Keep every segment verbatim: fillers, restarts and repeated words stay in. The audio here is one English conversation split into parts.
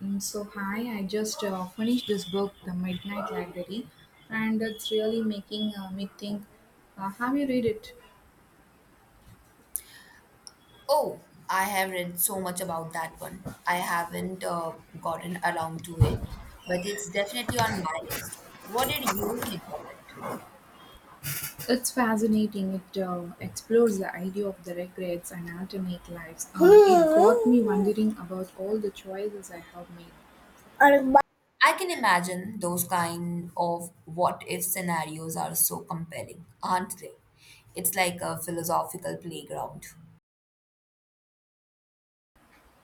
Mm, So, hi, I just uh, finished this book, The Midnight Library, and it's really making uh, me think. Uh, have you read it? Oh, I have read so much about that one. I haven't uh, gotten around to it, but it's definitely on my list. What did you think of it? It's fascinating. It uh, explores the idea of the regrets and alternate lives. Uh, it got me wondering about all the choices I have made. I can imagine those kind of what if scenarios are so compelling, aren't they? It's like a philosophical playground.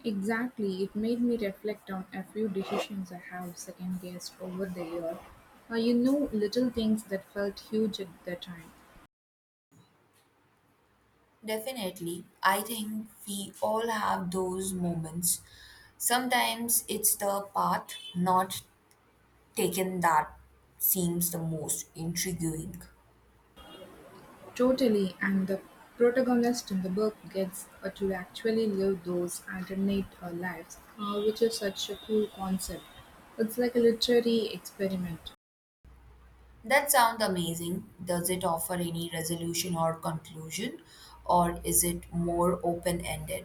Exactly, it made me reflect on a few decisions I have second guessed over the year. Uh, you know, little things that felt huge at the time. Definitely. I think we all have those moments. Sometimes it's the path not taken that seems the most intriguing. Totally, and the protagonist in the book gets uh, to actually live those alternate uh, lives, uh, which is such a cool concept. It's like a literary experiment. That sounds amazing. Does it offer any resolution or conclusion, or is it more open ended?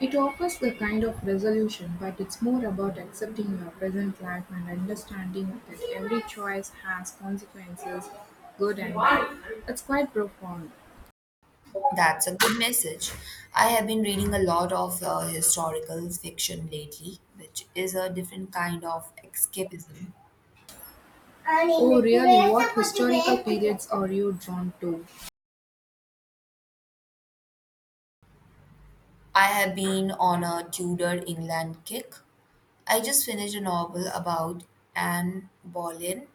It offers a kind of resolution, but it's more about accepting your present life and understanding that every choice has consequences, good and bad. It's quite profound. That's a good message. I have been reading a lot of uh, historical fiction lately, which is a different kind of escapism. Oh, really? What historical periods are you drawn to? I have been on a Tudor England kick. I just finished a novel about Anne Boleyn.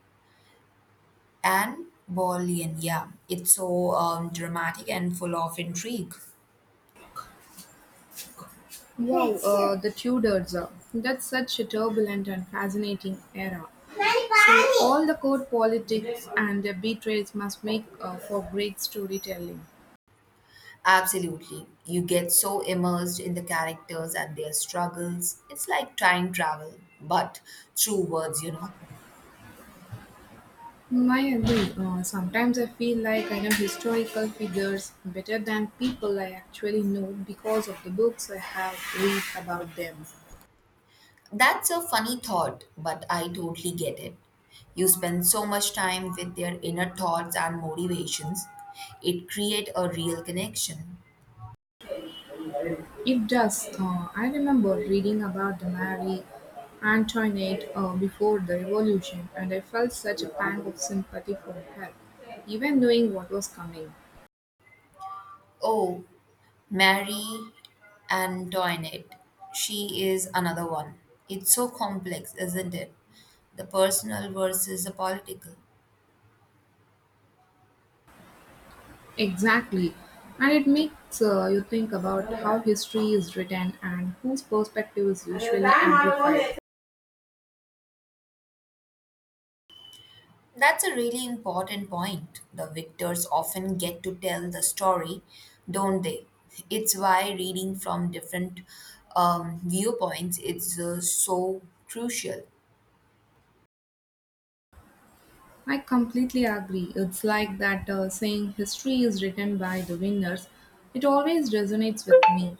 Anne Boleyn, yeah. It's so um, dramatic and full of intrigue. Wow, uh, the Tudors. uh, That's such a turbulent and fascinating era. So, all the court politics and the betrayals must make uh, for great storytelling. Absolutely. You get so immersed in the characters and their struggles. It's like time travel, but through words, you know. Mm, I agree. Uh, sometimes I feel like I know historical figures better than people I actually know because of the books I have read about them. That's a funny thought, but I totally get it. You spend so much time with their inner thoughts and motivations. It creates a real connection. It does. Uh, I remember reading about the Marie Antoinette uh, before the revolution, and I felt such a pang of sympathy for her, even knowing what was coming. Oh, Mary Antoinette. She is another one. It's so complex, isn't it? The personal versus the political. Exactly. And it makes uh, you think about how history is written and whose perspective is usually amplified. That's a really important point. The victors often get to tell the story, don't they? It's why reading from different um, viewpoints is uh, so crucial. I completely agree. It's like that uh, saying history is written by the winners. It always resonates with me.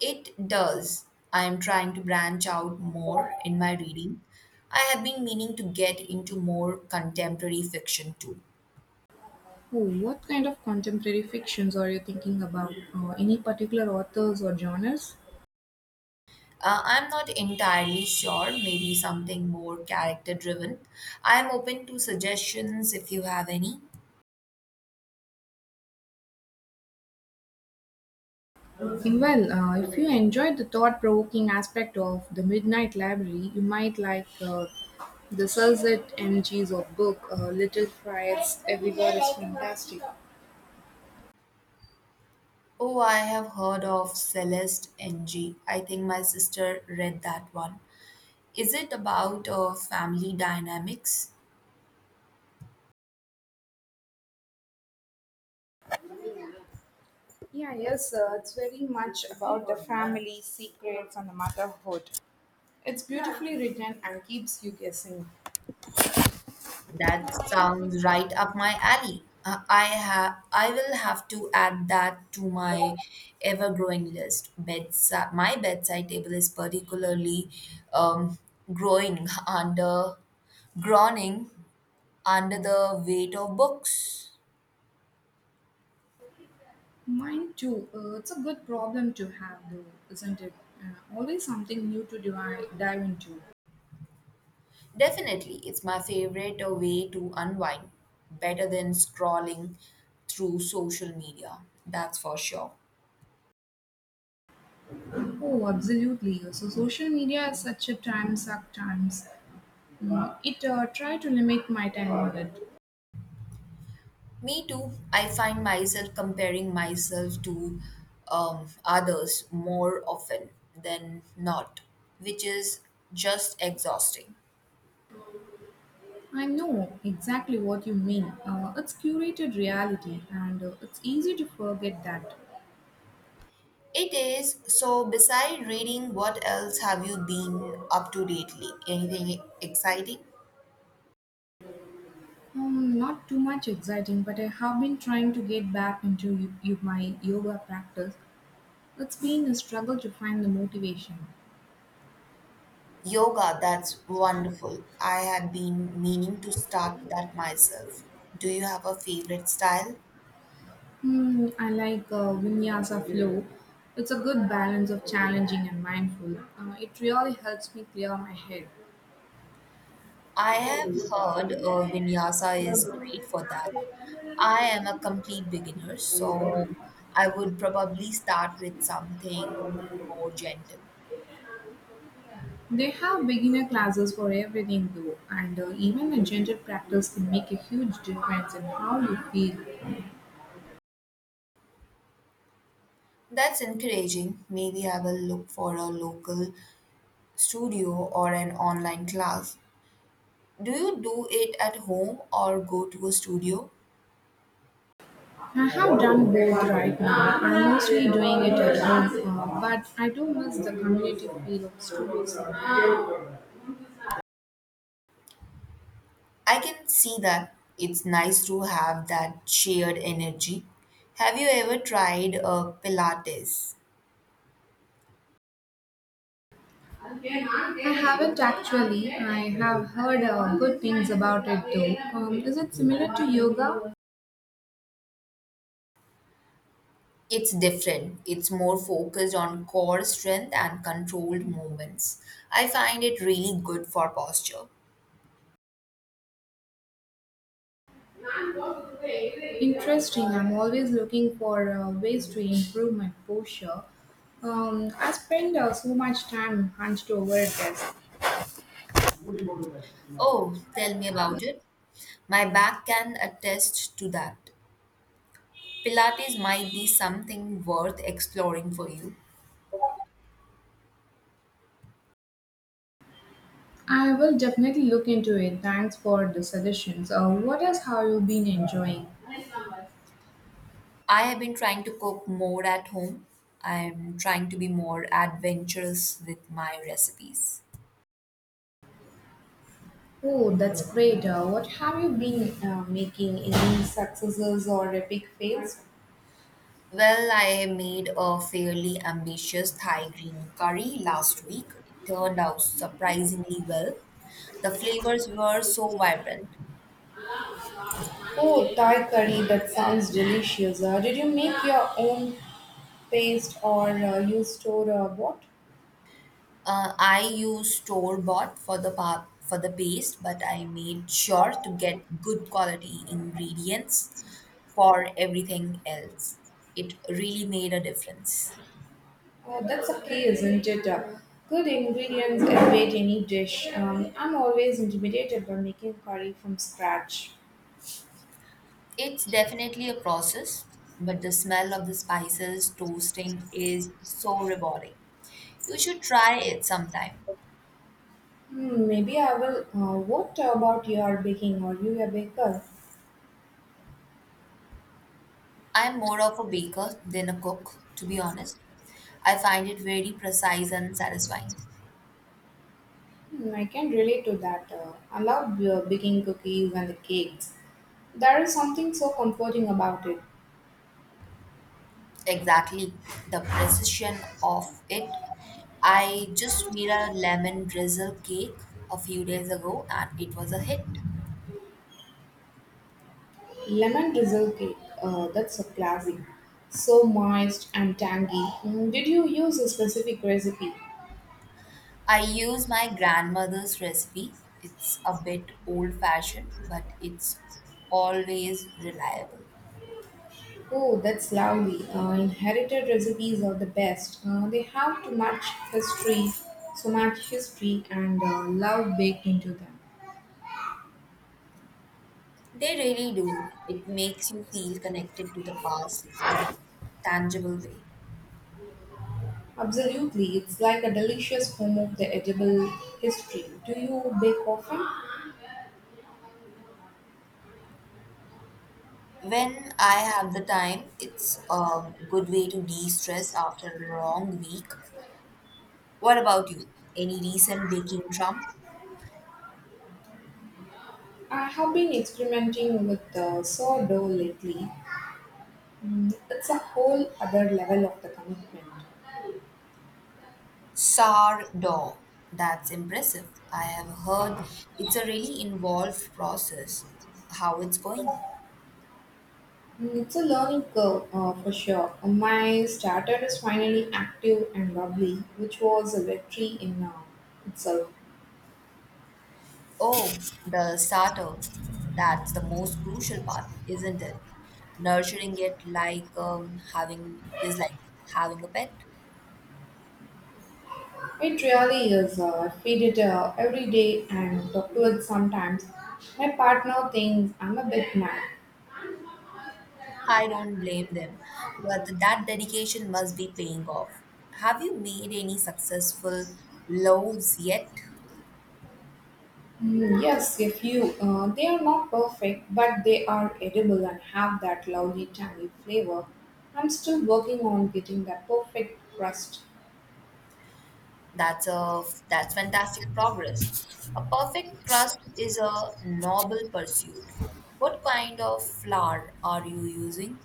It does. I am trying to branch out more in my reading. I have been meaning to get into more contemporary fiction too. Oh, what kind of contemporary fictions are you thinking about? Uh, any particular authors or genres? Uh, I'm not entirely sure, maybe something more character driven. I'm open to suggestions if you have any. Mm, Well, uh, if you enjoyed the thought provoking aspect of The Midnight Library, you might like uh, the Sunset M Gs of book, uh, Little Fires, Everywhere is Fantastic. Oh, I have heard of Celeste N G. I think my sister read that one. Is it about uh, family dynamics? Yeah, yes, uh, it's very much about the family, secrets, and the motherhood. It's beautifully written and keeps you That guessing. sounds right up my alley. Uh, I have I will have to add that to my ever-growing list. Bedside, my bedside table is particularly um, growing under groaning under the weight of books. Mine too. Uh, it's a good problem to have, though, isn't it? Uh, always something new to dive, dive into. Definitely, it's my favorite uh, way to unwind, better than scrolling through social media, that's for sure. Oh, absolutely. Uh, So, social media is such a time suck times. Mm, It uh, try to limit my time on it. Me too, I find myself comparing myself to um, others more often than not, which is just exhausting. I know exactly what you mean. Uh, it's curated reality, and uh, it's easy to forget that. It is. So, beside reading, what else have you been up to lately? Anything exciting? Um, not too much exciting, but I have been trying to get back into y- y- my yoga practice. It's been a struggle to find the motivation. Yoga, that's wonderful. I have been meaning to start that myself. Do you have a favorite style? Hmm, I like uh, Vinyasa flow. It's a good balance of challenging and mindful. Uh, it really helps me clear my head. I have heard uh, vinyasa is great for that. I am a complete beginner, so I would probably start with something more gentle. They have beginner classes for everything though, and uh, even a gentle practice can make a huge difference in how you feel. That's encouraging. Maybe I will look for a local studio or an online class. Do you do it at home or go to a studio? I have done both right now. I'm mostly doing it at home, uh, but I do miss the community feel of schools. I can see that it's nice to have that shared energy. Have you ever tried uh, Pilates? I haven't actually. I have heard uh, good things about it though. Um, is it similar to yoga? It's different. It's more focused on core strength and controlled movements. I find it really good for posture. Interesting. I'm always looking for uh, ways to improve my posture. Um, I spend uh, so much time hunched over a desk. Oh, tell me about it. My back can attest to that. Pilates might be something worth exploring for you. I will definitely look into it. Thanks for the suggestions. Uh, what else have you been enjoying? I have been trying to cook more at home. I'm trying to be more adventurous with my recipes. Oh, that's great. Uh, what have you been uh, making? Any successes or epic fails? Well, I made a fairly ambitious Thai green curry last week. It turned out surprisingly well. The flavors were so vibrant. Oh, Thai curry. That sounds delicious. Uh, did you make your own paste or uh, you store uh, what? Uh, I used store bought for the pa- for the paste, but I made sure to get good quality ingredients for everything else. It really made a difference. Uh, that's a key, isn't it? Uh, Good ingredients elevate any dish. Um, I'm always intimidated by making curry from scratch. It's definitely a process, but the smell of the spices toasting is so rewarding. You should try it sometime. Hmm, maybe I will. Uh, what about your baking? Are you a baker? I'm more of a baker than a cook, to be honest. I find it very precise and satisfying. Hmm, I can relate to that. Uh, I love uh, baking cookies and the cakes. There is something so comforting about it. Exactly, the precision of it. I just made a lemon drizzle cake a few days ago and it was a hit. Lemon drizzle cake. Uh, that's a classic. So moist and tangy. Hmm, did you use a specific recipe? I use my grandmother's recipe. It's a bit old fashioned, but it's always reliable. Oh, that's lovely. Uh, inherited recipes are the best. Uh, they have too much history, so much history, and uh, love baked into them. They really do. It makes you feel connected to the past in tangible way. Absolutely, it's like a delicious home of the edible history. Do you bake often? When I have the time, it's a good way to de-stress after a long week. What about you? Any recent baking trump? I have been experimenting with uh, sourdough lately. Mm, it's a whole other level of the commitment. Sourdough. That's impressive. I have heard it's a really involved process. How it's going? Mm, It's a learning curve uh, for sure. My starter is finally active and lovely, which was a victory in uh, itself. Oh, the starter. That's the most crucial part, isn't it? Nurturing it like um, having is like having a pet. It really is. Uh, I feed it uh, every day and talk to it sometimes. My partner thinks I'm a bit mad. I don't blame them, but that dedication must be paying off. Have you made any successful loaves yet? Mm, yes, a few. Uh, they are not perfect, but they are edible and have that lovely tangy flavor. I'm still working on getting that perfect crust. That's a that's fantastic progress. A perfect crust is a noble pursuit. What kind of flour are you using?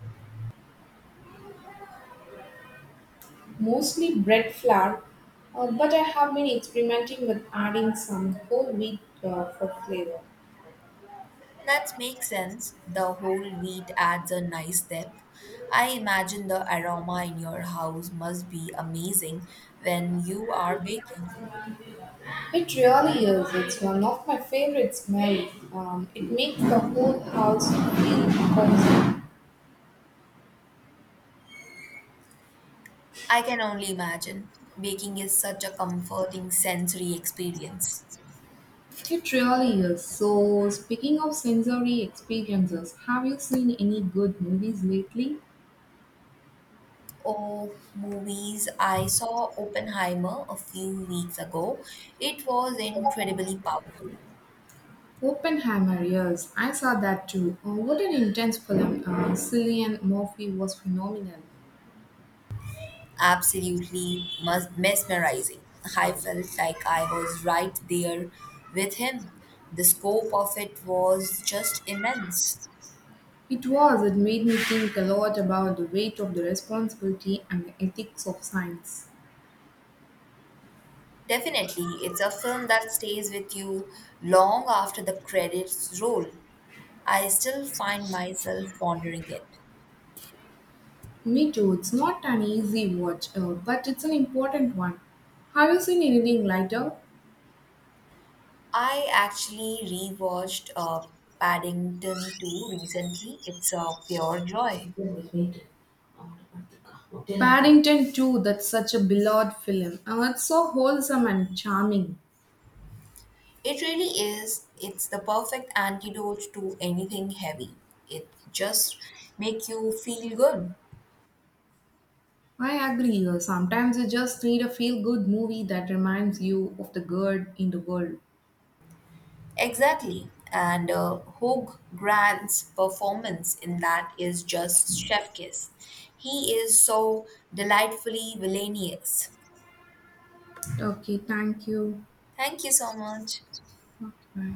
Mostly bread flour, uh, but I have been experimenting with adding some whole wheat uh, for flavor. That makes sense. The whole wheat adds a nice depth. I imagine the aroma in your house must be amazing when you are baking. It really is. It's one of my favorite smells. Um, it makes the whole house feel cozy. I can only imagine. Baking is such a comforting sensory experience. It really is. So, speaking of sensory experiences, have you seen any good movies lately? Oh, movies. I saw Oppenheimer a few weeks ago. It was incredibly powerful. Oppenheimer, yes, I saw that too. Oh, what an intense film. Uh, Cillian Murphy was phenomenal. Absolutely mes- mesmerizing. I felt like I was right there with him. The scope of it was just immense. It was, it made me think a lot about the weight of the responsibility and the ethics of science. Definitely, it's a film that stays with you long after the credits roll. I still find myself pondering it. Me too, it's not an easy watch, uh, but it's an important one. Have you seen anything lighter? I actually rewatched uh, Paddington two recently. It's a pure joy. Paddington two, that's such a beloved film. Uh, it's so wholesome and charming. It really is. It's the perfect antidote to anything heavy. It just make you feel good. I agree, uh, sometimes you just need a feel good movie that reminds you of the good in the world. Exactly. And uh, Hugh Grant's performance in that is just chef kiss. He is so delightfully villainous. Okay, thank you. Thank you so much. Bye.